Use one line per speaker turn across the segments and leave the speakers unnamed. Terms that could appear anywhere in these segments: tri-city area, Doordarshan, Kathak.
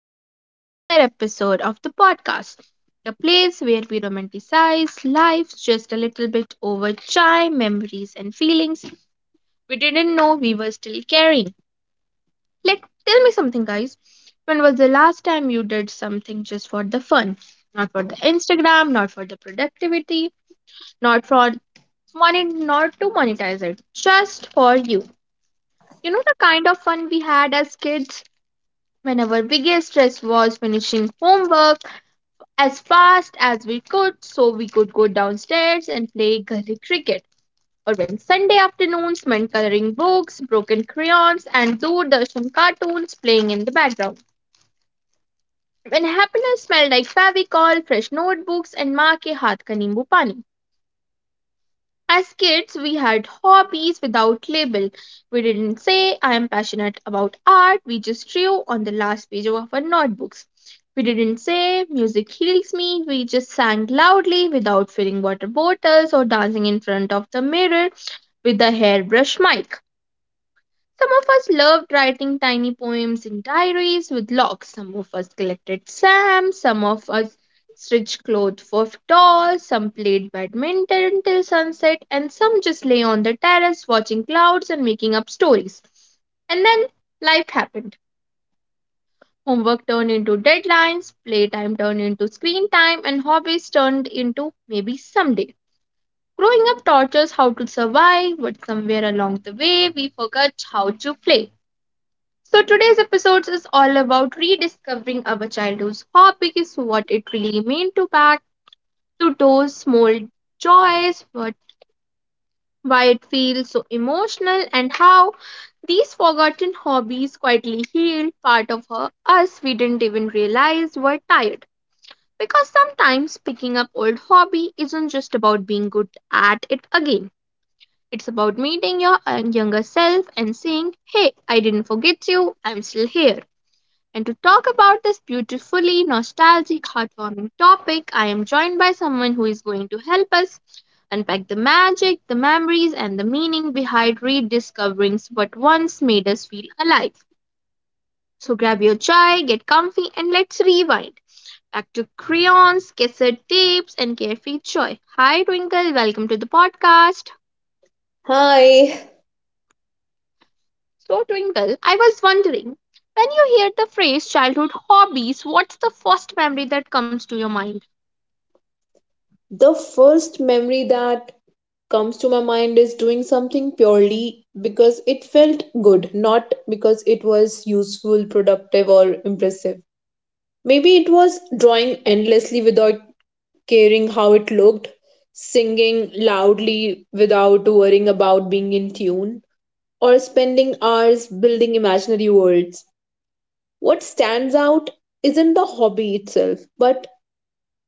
welcome back to another episode of the podcast, the place where we romanticize life just a little bit over chai, memories, and feelings we didn't know we were still carrying. Like, tell me something, guys. When was the last time you did something just for the fun? Not for the Instagram, not for the productivity, not for money, not to monetize it, just for you. You know the kind of fun we had as kids? When our biggest stress was finishing homework as fast as we could so we could go downstairs and play gully cricket, or when Sunday afternoons meant coloring books, broken crayons, and Doordarshan cartoons playing in the background. When happiness smelled like fabricol, fresh notebooks, and maa ke haath ka nimbu pani. As kids, we had hobbies without label. We didn't say, I am passionate about art, we just drew on the last page of our notebooks. We didn't say, music heals me, we just sang loudly without filling water bottles or dancing in front of the mirror with the hairbrush mic. Some of us loved writing tiny poems in diaries with locks. Some of us collected stamps. Some of us stitched clothes for dolls. Some played badminton till sunset, and some just lay on the terrace watching clouds and making up stories. And then life happened. Homework turned into deadlines, playtime turned into screen time, and hobbies turned into maybe someday. Growing up taught us how to survive, but somewhere along the way we forgot how to play. So today's episode is all about rediscovering our childhood's hobbies, what it really meant to back to those small joys, what why it feels so emotional and how these forgotten hobbies quietly healed part of her, us we didn't even realize were tired. Because sometimes picking up old hobby isn't just about being good at it again. It's about meeting your younger self and saying, hey, I didn't forget you, I'm still here. And to talk about this beautifully nostalgic, heartwarming topic, I am joined by someone who is going to help us unpack the magic, the memories, and the meaning behind rediscovering what once made us feel alive. So grab your chai, get comfy, and let's rewind. Back to crayons, cassette tapes, and carefree joy. Hi, Twinkle. Welcome to the podcast.
Hi.
So, Twinkle, I was wondering when you hear the phrase childhood hobbies, what's the first memory that comes to your mind?
The first memory that comes to my mind is doing something purely because it felt good, not because it was useful, productive, or impressive. Maybe it was drawing endlessly without caring how it looked, singing loudly without worrying about being in tune, or spending hours building imaginary worlds. What stands out isn't the hobby itself, but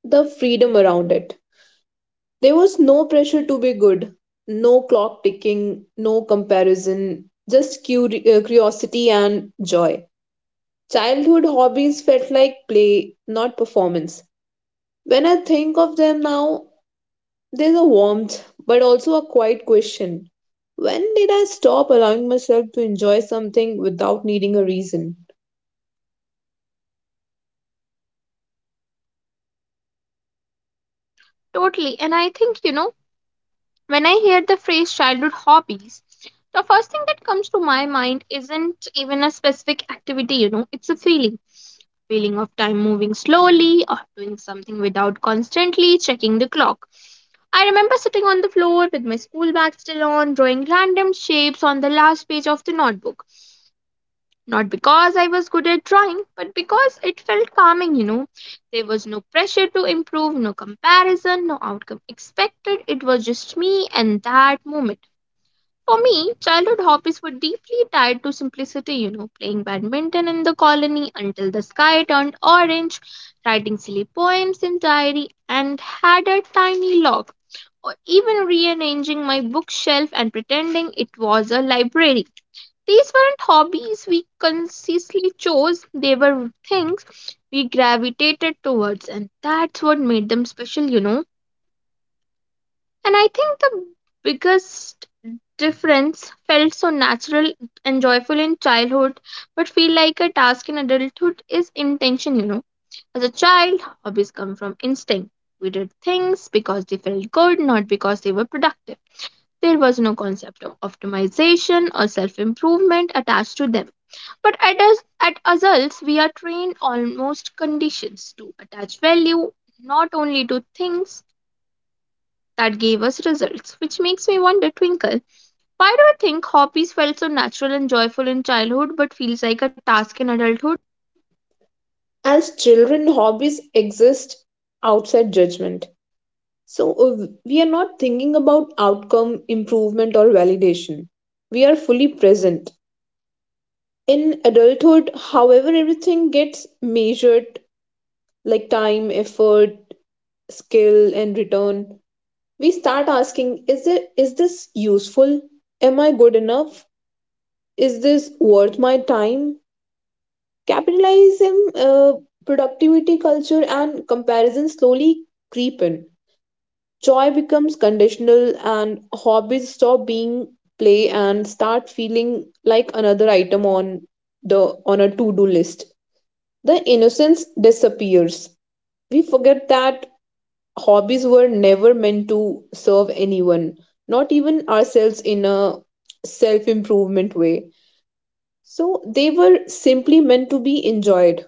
the freedom around it. There was no pressure to be good, no clock ticking, no comparison, just curiosity and joy. Childhood hobbies felt like play, not performance. When I think of them now, there's a warmth, but also a quiet question. When did I stop allowing myself to enjoy something without needing a reason?
Totally. And I think, you know, when I hear the phrase childhood hobbies, the first thing that comes to my mind isn't even a specific activity, you know, it's a feeling. Feeling of time moving slowly or doing something without constantly checking the clock. I remember sitting on the floor with my school bag still on, drawing random shapes on the last page of the notebook. Not because I was good at drawing, but because it felt calming, you know. There was no pressure to improve, no comparison, no outcome expected. It was just me and that moment. For me, childhood hobbies were deeply tied to simplicity, you know, playing badminton in the colony until the sky turned orange, writing silly poems in diary, and had a tiny log, or even rearranging my bookshelf and pretending it was a library. These weren't hobbies we consciously chose, they were things we gravitated towards, and that's what made them special, you know. And I think the biggest difference felt so natural and joyful in childhood, but feel like a task in adulthood is intention, you know. As a child, hobbies come from instinct. We did things because they felt good, not because they were productive. There was no concept of optimization or self improvement attached to them. But at us at adults we are trained almost conditions to attach value not only to things that gave us results, which makes me wonder, Twinkle, why do you think hobbies felt so natural and joyful in childhood but feels like a task in adulthood?
As children, hobbies exist outside judgment, so we are not thinking about outcome, improvement, or validation. We are fully present. In adulthood, however, everything gets measured, like time, effort, skill, and return. We start asking, is this useful, am I good enough, is this worth my time? Capitalism, productivity culture, and comparison slowly creep in. Joy becomes conditional, and hobbies stop being play and start feeling like another item on the on a to-do list. The innocence disappears. We forget that hobbies were never meant to serve anyone, not even ourselves in a self-improvement way. So they were simply meant to be enjoyed.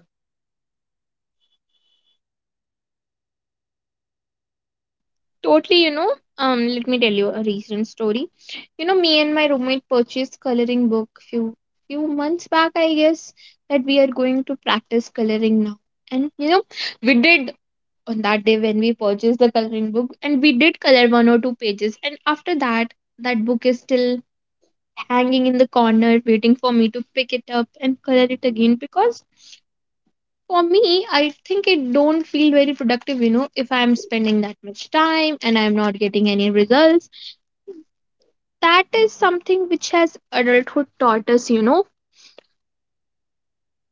Totally, you know. Let me tell you a recent story. You know, me and my roommate purchased coloring book few months back, I guess, that we are going to practice coloring now. And you know, we did on that day when we purchased the coloring book and we did color one or two pages and after that that book is still hanging in the corner waiting for me to pick it up and color it again because for me I think it don't feel very productive, you know, if I am spending that much time and I am not getting any results. That is something which has adulthood taught us, you know.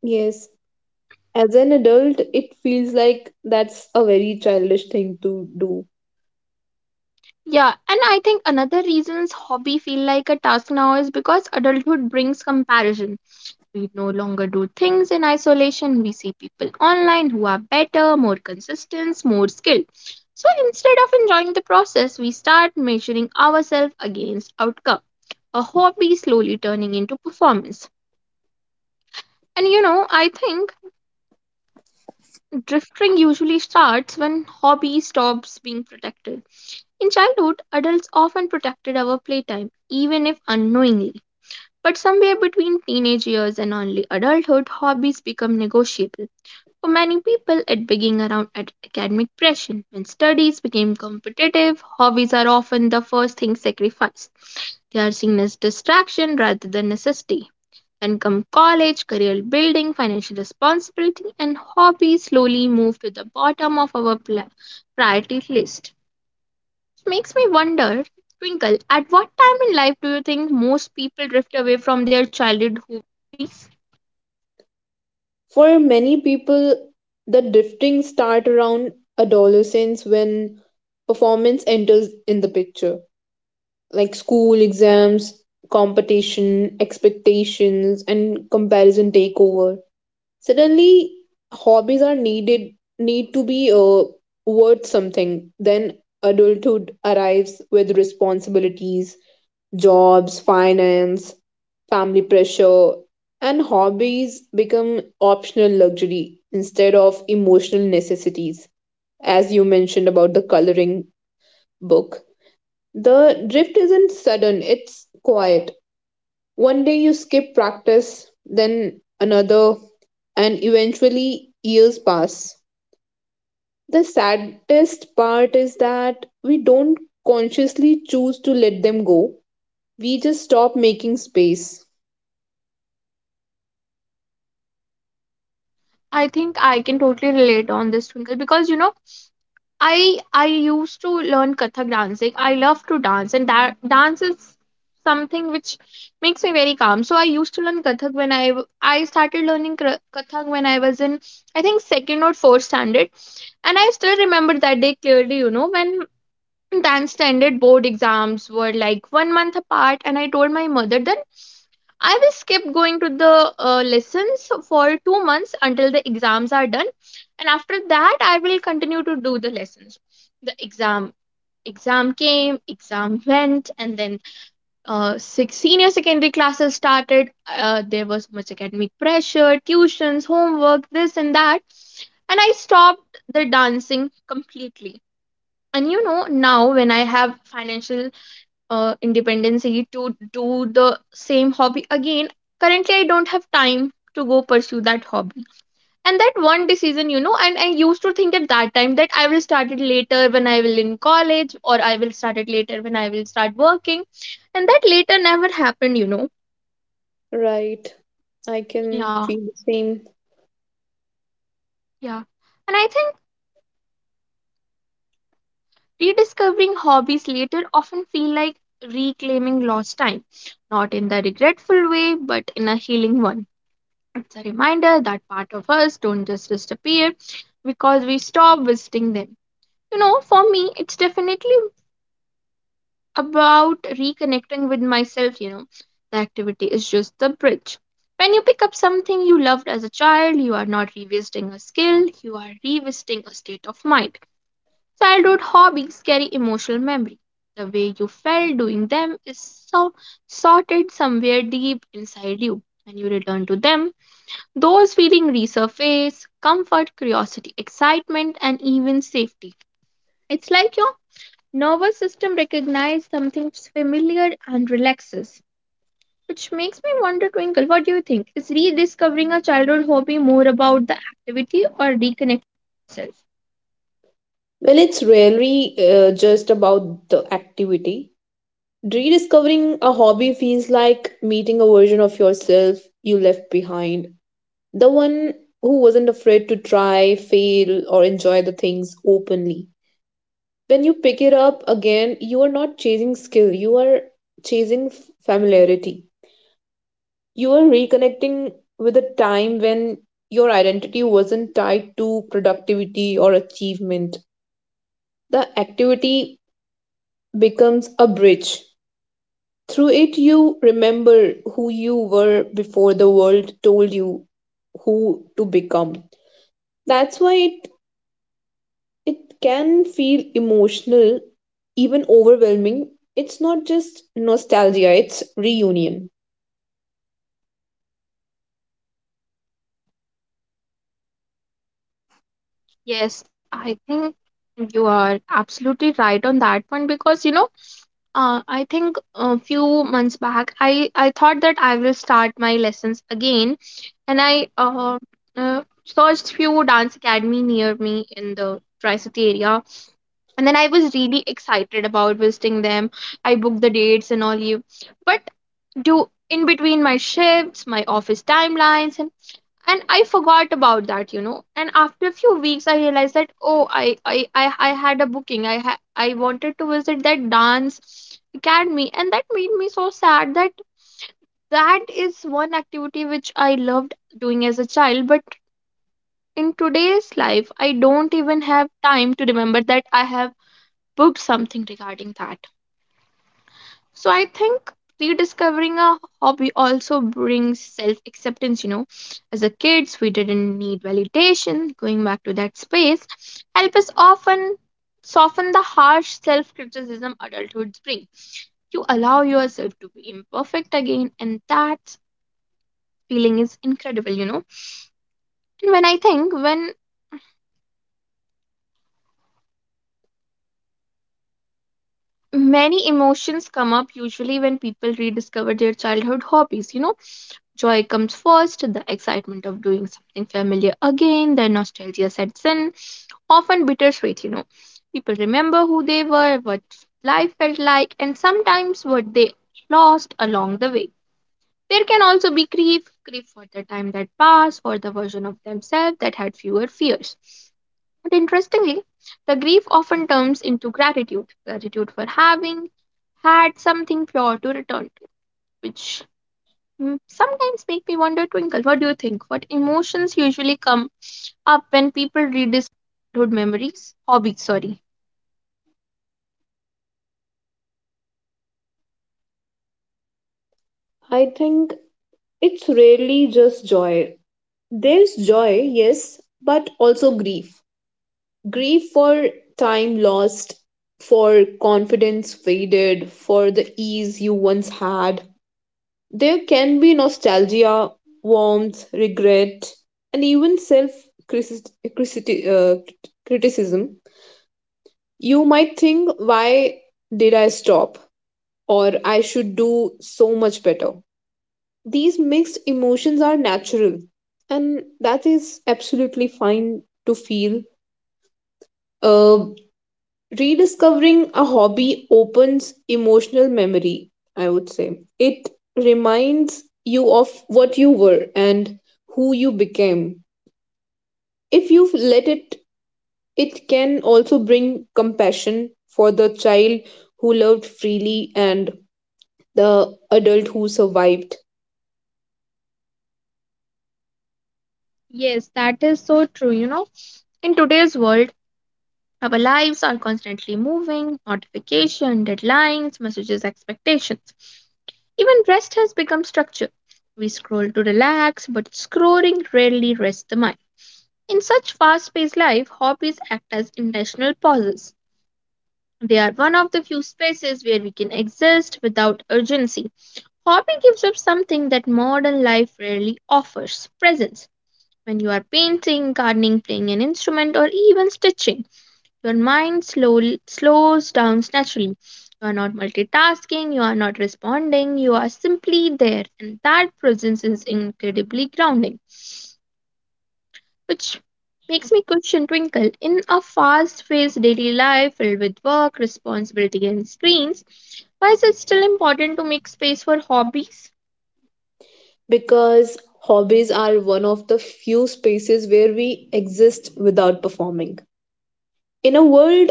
Yes. As an adult, it feels like that's a very childish thing to do.
Yeah, and I think another reasons hobby feel like a task now is because adulthood brings comparison. We no longer do things in isolation. We see people online who are better, more consistent, more skilled. So instead of enjoying the process, we start measuring ourselves against outcome. A hobby slowly turning into performance. And you know, I think drifting usually starts when hobby stops being protected. In childhood, adults often protected our playtime, even if unknowingly. But somewhere between teenage years and early adulthood, hobbies become negotiable. For many people, it began around at academic pressure. When studies became competitive, hobbies are often the first thing sacrificed. They are seen as distraction rather than necessity. Then come college, career building, financial responsibility, and hobbies slowly move to the bottom of our priority list. It makes me wonder, Twinkle, at what time in life do you think most people drift away from their childhood hobbies?
For many people, the drifting start around adolescence, when performance enters in the picture, like school exams, competition, expectations, and comparison take over. Suddenly hobbies are needed, need to be worth something. Then adulthood arrives with responsibilities, jobs, finance, family pressure, and hobbies become optional luxury instead of emotional necessities. As you mentioned about the coloring book, the drift isn't sudden, it's quiet. One day you skip practice, then another, and eventually years pass. The saddest part is that we don't consciously choose to let them go. We just stop making space.
I think I can totally relate on this, Twinkle, because you know, I used to learn Kathak dancing. I love to dance, and that dance is something which makes me very calm. So I used to learn Kathak when I started learning Kathak when I was in I think second or fourth standard, and I still remember that day clearly. You know when. Then standard board exams were like 1 month apart, and I told my mother that I will skip going to the lessons for 2 months until the exams are done, and after that, I will continue to do the lessons. The exam came, exam went, and then six senior secondary classes started. There was much academic pressure, tuitions, homework, this and that, and I stopped the dancing completely. And you know, now when I have financial independency to do the same hobby again, currently I don't have time to go pursue that hobby. And that one decision, you know, and I used to think at that time that I will start it later when I will in college or I will start it later when I will start working, and that later never happened, you know.
Right. I can
Yeah,
feel the same.
yeah, and I think rediscovering hobbies later often feel like reclaiming lost time, not in the regretful way but in a healing one. It's a reminder that part of us don't just disappear because we stop visiting them. You know, for me, it's definitely about reconnecting with myself, you know. The activity is just the bridge. When you pick up something you loved as a child, you are not revisiting a skill, you are revisiting a state of mind. Childhood hobbies carry emotional memory. The way you felt doing them is so sorted somewhere deep inside you. When you return to them, those feelings resurface comfort, curiosity, excitement, and even safety. It's like your nervous system recognizes something familiar and relaxes. Which makes me wonder, Twinkle, what do you think? Is rediscovering a childhood hobby more about the activity or reconnecting yourself?
Well, it's rarely just about the activity. Rediscovering a hobby feels like meeting a version of yourself you left behind. The one who wasn't afraid to try, fail, or enjoy the things openly. When you pick it up again, you are not chasing skill, you are chasing familiarity. You are reconnecting with a time when your identity wasn't tied to productivity or achievement. The activity becomes a bridge. Through it, you remember who you were before the world told you who to become. That's why. It can feel emotional, even overwhelming. It's not just nostalgia, it's reunion.
Yes, I think you are absolutely right on that one because you know, I think a few months back, I thought that I will start my lessons again, and I searched few dance academy near me in the tri-city area, and then I was really excited about visiting them. I booked the dates and all you, but do in between my shifts, my office timelines, and I forgot about that, you know. And after a few weeks I realized that, oh, I had a booking, I wanted to visit that dance academy, and that made me so sad that that is one activity which I loved doing as a child but in today's life I don't even have time to remember that I have booked something regarding that. So I think rediscovering a hobby also brings self acceptance, you know. As a kids, we didn't need validation. Going back to that space help us often soften the harsh self criticism adulthood brings. You allow yourself to be imperfect again, and that feeling is incredible, you know. And when I think when many emotions come up usually when people rediscover their childhood hobbies, joy comes first, the excitement of doing something familiar again. Then nostalgia sets in, often bittersweet. People remember who they were, what life felt like, and sometimes what they lost along the way. There can also be grief, grief for the time that passed, for the version of themselves that had fewer fears. But interestingly, the grief often turns into gratitude, gratitude for having had something pure to return to, which sometimes make me wonder, Twinkle, what do you think? What emotions usually come up when people rediscover childhood memories? Hobbies, sorry.
I think it's rarely just joy. There's joy, yes, but also grief. Grief for time lost, for confidence faded, for the ease you once had. There can be nostalgia, warmth, regret, and even self criticism. You might think, why did I stop? Or I should do so much better. These mixed emotions are natural, and that is absolutely fine to feel. Uh, Rediscovering a hobby opens emotional memory, I would say. It reminds you of what you were and who you became. If you let it, it can also bring compassion for the child who loved freely and the adult who survived.
Yes, that is so true. You know, in today's world, our lives are constantly moving, notification, deadlines, messages, expectations. Even rest has become structure. We scroll to relax, but scrolling rarely rests the mind. In such fast paced life, hobbies act as intentional pauses. They are one of the few spaces where we can exist without urgency. Hobby gives up something that modern life rarely offers presence. When you are painting, gardening, playing an instrument, or even stitching, your mind slowly slows down naturally. You are not multitasking, you are not responding, you are simply there, and that presence is incredibly grounding, which makes me question Twinkle. In a fast paced daily life filled with work, responsibility, and screens, why is it still important to make space for hobbies?
Because hobbies are one of the few spaces where we exist without performing. In a world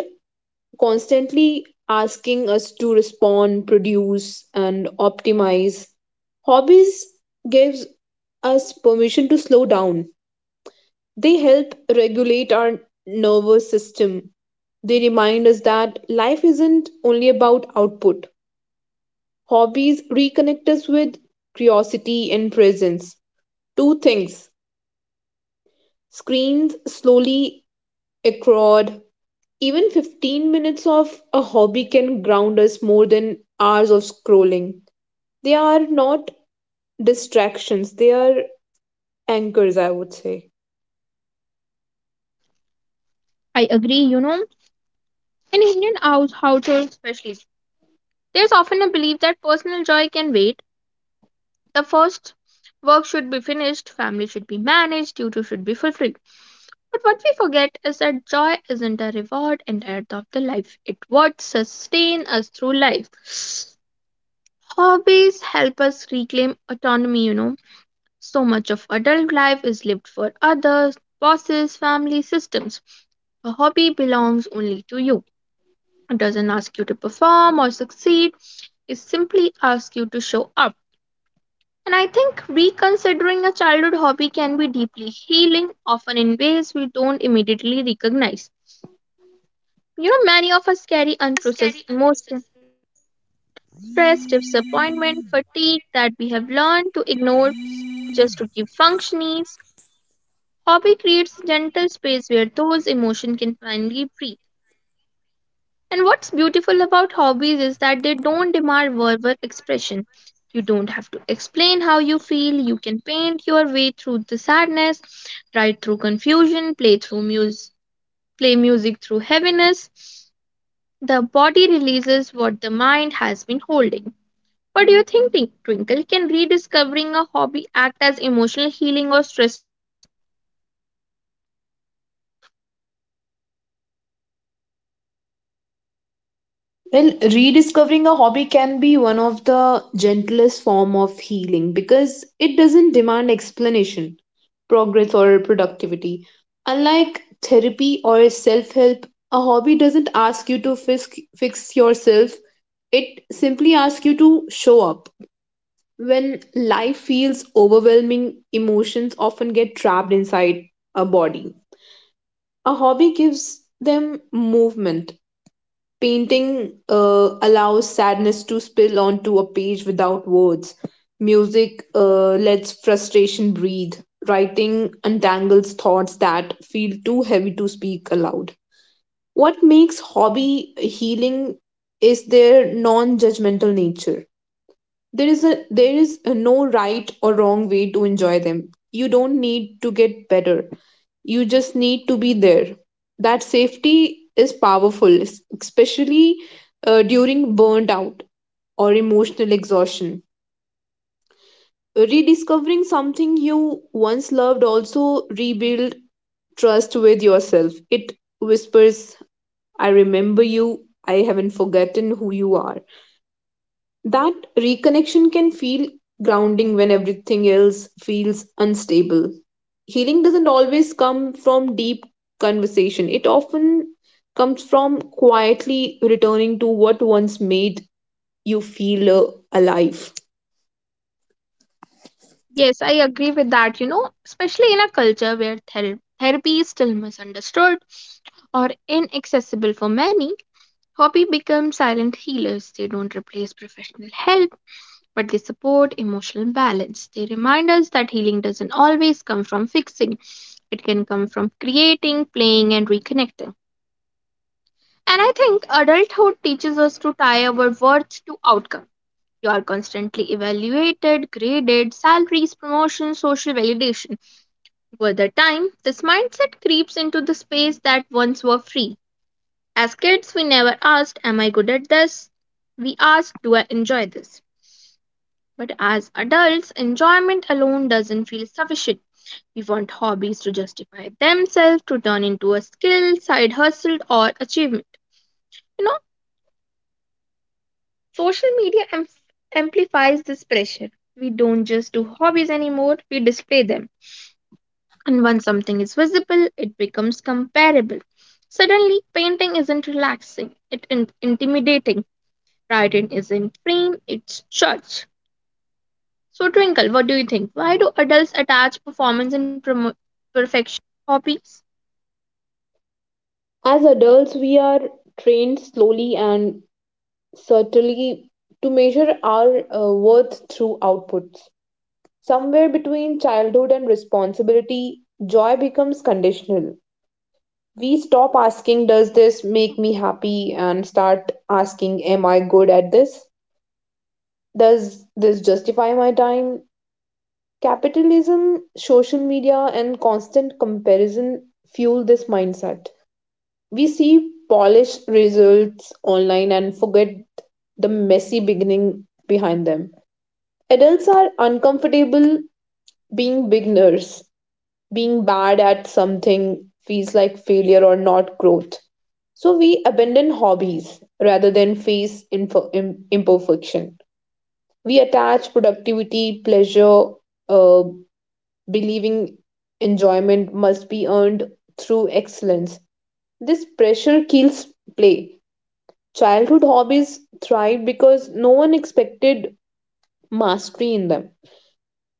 constantly asking us to respond, produce, and optimize, hobbies gives us permission to slow down. They help regulate our nervous system. They remind us that life isn't only about output. Hobbies reconnect us with curiosity and presence. Two things screens slowly erode. Even 15 minutes of a hobby can ground us more than hours of scrolling. They are not distractions, they are anchors, I would say.
I agree, you know, in Indian house, households especially, there's often a belief that personal joy can wait. The first work should be finished, family should be managed, duty should be fulfilled. But what we forget is that joy isn't a reward and end of the life. It what sustain us through life. Hobbies help us reclaim autonomy, you know. So much of adult life is lived for others, bosses, family, systems. A hobby belongs only to you. It doesn't ask you to perform or succeed, is simply ask you to show up. And I think reconsidering a childhood hobby can be deeply healing, often in ways we don't immediately recognize. You know, many of us carry unprocessed emotion, stress, disappointment, fatigue that we have learned to ignore just to keep functioning. Hobby creates gentle space where those emotions can finally breathe. And what's beautiful about hobbies is that they don't demand verbal expression. You don't have to explain how you feel. You can paint your way through the sadness, write through confusion, play through music, play music through heaviness. The body releases what the mind has been holding. What do you think, Twinkle? Can rediscovering a hobby act as emotional healing or stress?
Well, rediscovering a hobby can be one of the gentlest form of healing, because it doesn't demand explanation, progress, or productivity. Unlike therapy or self-help, a hobby doesn't ask you to fix yourself. It simply asks you to show up. When life feels overwhelming, emotions often get trapped inside a body. A hobby gives them movement. Painting allows sadness to spill onto a page without words. Music lets frustration breathe. Writing untangles thoughts that feel too heavy to speak aloud. What makes hobby healing is their non judgmental nature. There is a there is a no right or wrong way to enjoy them. You don't need to get better, you just need to be there. That safety is powerful, especially during burnt out or emotional exhaustion. Rediscovering something you once loved also rebuild trust with yourself. It whispers, I remember you, I haven't forgotten who you are. That reconnection can feel grounding when everything else feels unstable. Healing doesn't always come from deep conversation, it often comes from quietly returning to what once made you feel alive.
Yes, I agree with that, you know, especially in a culture where therapy is still misunderstood or inaccessible for many, hobby become silent healers. They don't replace professional help, but they support emotional balance. They remind us that healing doesn't always come from fixing. It can come from creating, playing and reconnecting. And I think adulthood teaches us to tie our worth to outcome. You are constantly evaluated, graded, salaries, promotions, social validation. Over the time, this mindset creeps into the space that once were free. As kids, we never asked, am I good at this? We asked, do I enjoy this? But as adults, enjoyment alone doesn't feel sufficient. We want hobbies to justify themselves, to turn into a skill, side hustle, or achievement. You know, social media am- amplifies this pressure. We don't just do hobbies anymore, we display them. And once something is visible, it becomes comparable. Suddenly, painting isn't relaxing, intimidating. Writing isn't frame, it's judged. So, Twinkle, what do you think? Why do adults attach performance and perfection hobbies?
As adults, we are trained slowly and subtly to measure our worth through outputs. Somewhere between childhood and responsibility, joy becomes conditional. We stop asking, does this make me happy? And start asking, am I good at this? Does this justify my time? Capitalism, social media, and constant comparison fuel this mindset. We see polished results online and forget the messy beginning behind them. Adults are uncomfortable being beginners. Being bad at something feels like failure or not growth. So we abandon hobbies rather than face imperfection. We attach productivity, pleasure, uh, believing enjoyment must be earned through excellence. This pressure kills play. Childhood hobbies thrive because no one expected mastery in them.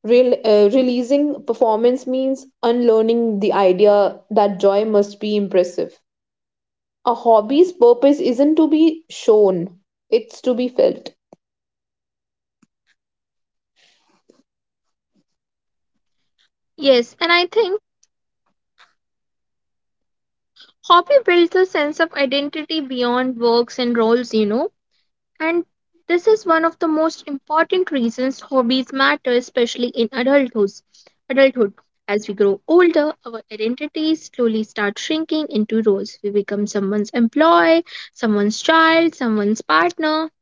Rel releasing performance means unlearning the idea that joy must be impressive. A hobby's purpose isn't to be shown, it's to be felt.
Yes, and I think hobby builds a sense of identity beyond works and roles, you know. And this is one of the most important reasons hobbies matter, especially in adulthood. Adulthood. As we grow older, our identities slowly start shrinking into roles. We become someone's employee, someone's child, someone's partner.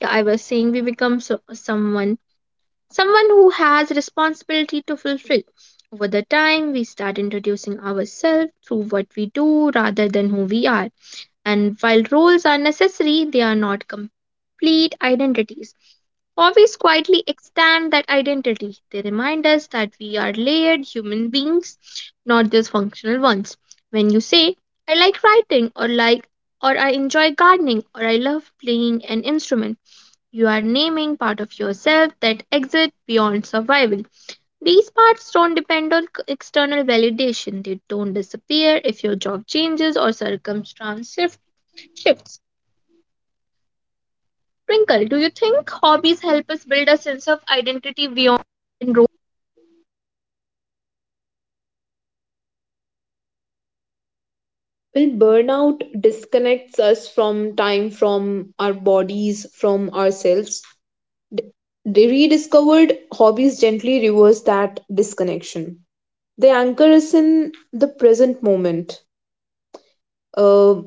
Yeah, I was saying we become so, someone, someone who has responsibility to fulfill. Over the time, we start introducing ourselves through what we do rather than who we are. And while roles are necessary, they are not complete identities. Hobbies quietly extend that identity. They remind us that we are layered human beings, not just functional ones. When you say, I like writing, or like, or I enjoy gardening, or I love playing an instrument, you are naming part of yourself that exit beyond survival. These parts don't depend on external validation. They don't disappear if your job changes or circumstance shifts. Sprinkle, do you think hobbies help us build a sense of identity beyond enrollment?
Well, burnout disconnects us from time, from our bodies, from ourselves. The rediscovered hobbies gently reverse that disconnection. They anchor us in the present moment, uh,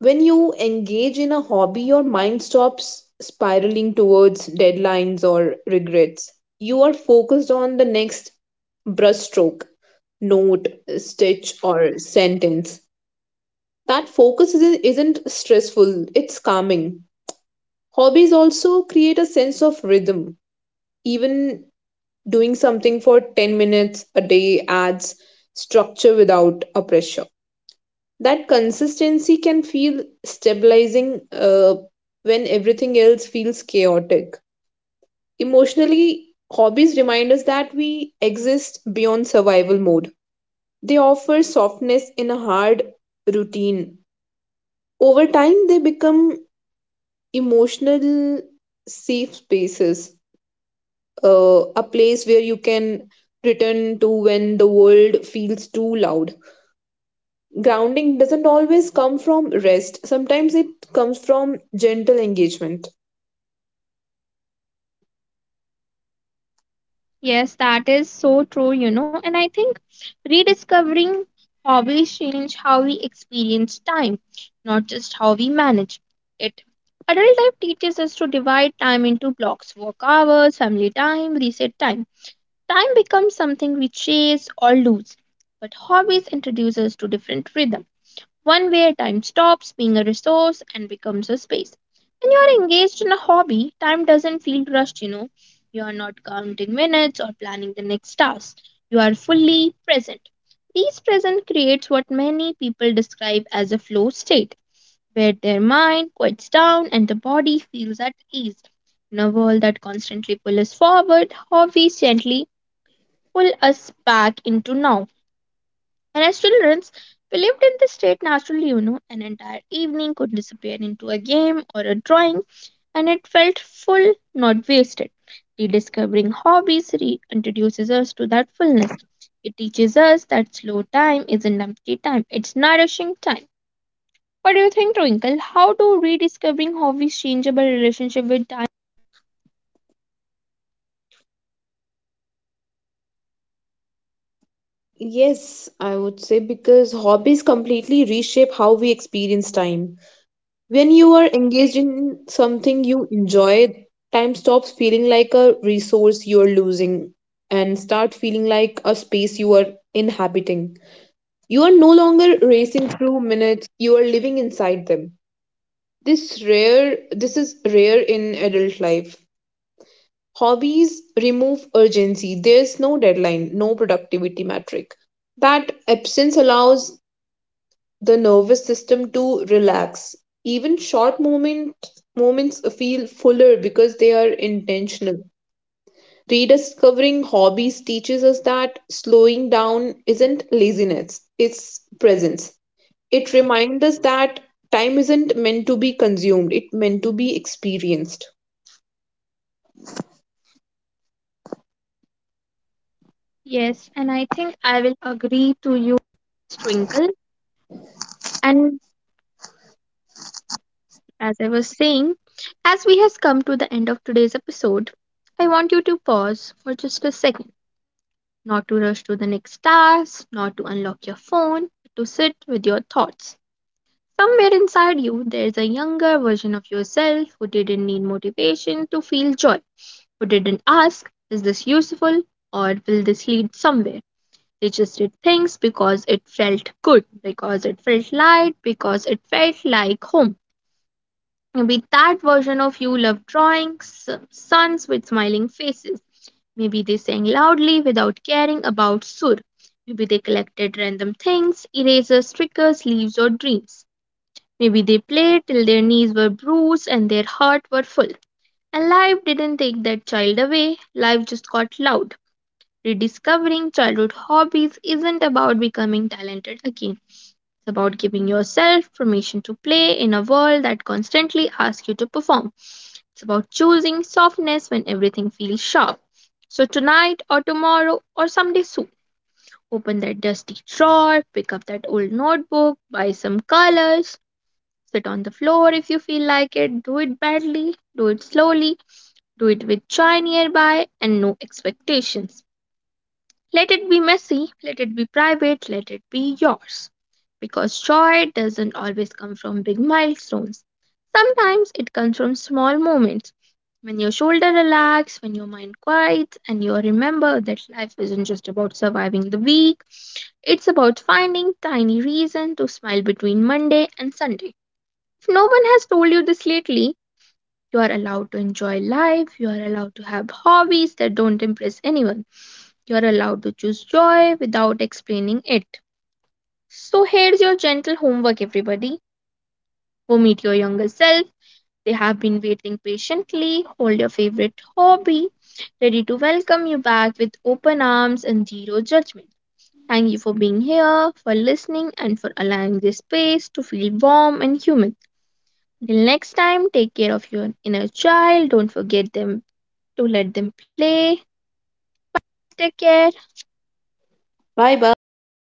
when you engage in a hobby, your mind stops spiraling towards deadlines or regrets. You are focused on the next brushstroke, note, stitch, or sentence. That focus isn't stressful, it's calming. Hobbies also create a sense of rhythm. Even doing something for 10 minutes a day adds structure without a pressure. That consistency can feel stabilizing when everything else feels chaotic. Emotionally, hobbies remind us that we exist beyond survival mode. They offer softness in a hard routine. Over time, they become emotional safe spaces, a place where you can return to when the world feels too loud. Grounding doesn't always come from rest. Sometimes it comes from gentle engagement.
Yes, that is so true, you know. And I think rediscovering hobbies change how we experience time, not just how we manage it. Adult life teaches us to divide time into blocks work hours, family time, reset time. Time becomes something we chase or lose, but hobbies introduce us to different rhythms one where time stops being a resource and becomes a space. When you're engaged in a hobby, time doesn't feel rushed, you know. You are not counting minutes or planning the next task. You are fully present. These present creates what many people describe as a flow state, where their mind quiets down and the body feels at ease. In a world that constantly pulls us forward, hobbies gently pull us back into now. And as children, we lived in this state naturally, you know, an entire evening could disappear into a game or a drawing, and it felt full, not wasted. Rediscovering hobbies introduces us to that fullness. It teaches us that slow time isn't empty time, it's nourishing time. What do you think, Twinkle? How do rediscovering hobbies change our relationship with time?
Yes, I would say, because hobbies completely reshape how we experience time. When you are engaged in something you enjoy, time stops feeling like a resource you are losing and start feeling like a space you are inhabiting. You are no longer racing through minutes, you are living inside them. This is rare in adult life. Hobbies remove urgency. There's no deadline, no productivity metric. That absence allows the nervous system to relax. Even short moments feel fuller because they are intentional. Rediscovering hobbies teaches us that slowing down isn't laziness, it's presence. It reminds us that time isn't meant to be consumed, it's meant to be experienced.
Yes, and I think I will agree to you, Twinkle. And as I was saying, as we has come to the end of today's episode, I want you to pause for just a second, not to rush to the next task, not to unlock your phone, but to sit with your thoughts. Somewhere inside you, there's a younger version of yourself who didn't need motivation to feel joy, who didn't ask, is this useful or will this lead somewhere? They just did things because it felt good, because it felt light, because it felt like home. Maybe that version of you loved drawing suns with smiling faces. Maybe they sang loudly without caring about sur. Maybe they collected random things, erasers, stickers, leaves, or dreams. Maybe they played till their knees were bruised and their hearts were full. And life didn't take that child away, life just got loud. Rediscovering childhood hobbies isn't about becoming talented again. It's about giving yourself permission to play in a world that constantly asks you to perform. It's about choosing softness when everything feels sharp. So tonight or tomorrow or someday soon, open that dusty drawer, pick up that old notebook, buy some colors, sit on the floor if you feel like it, do it badly, do it slowly, do it with joy nearby and no expectations. Let it be messy, let it be private, let it be yours. Because joy doesn't always come from big milestones. Sometimes it comes from small moments. When your shoulder relaxes, when your mind quiets, and you remember that life isn't just about surviving the week, it's about finding tiny reason to smile between Monday and Sunday. If no one has told you this lately, you are allowed to enjoy life, you are allowed to have hobbies that don't impress anyone, you are allowed to choose joy without explaining it. So here's your gentle homework, everybody. Go meet your younger self. They have been waiting patiently. Hold your favorite hobby, ready to welcome you back with open arms and zero judgment. Thank you for being here, for listening, and for allowing this space to feel warm and human. Till next time, take care of your inner child. Don't forget them to let them play. Take care.
Bye bye.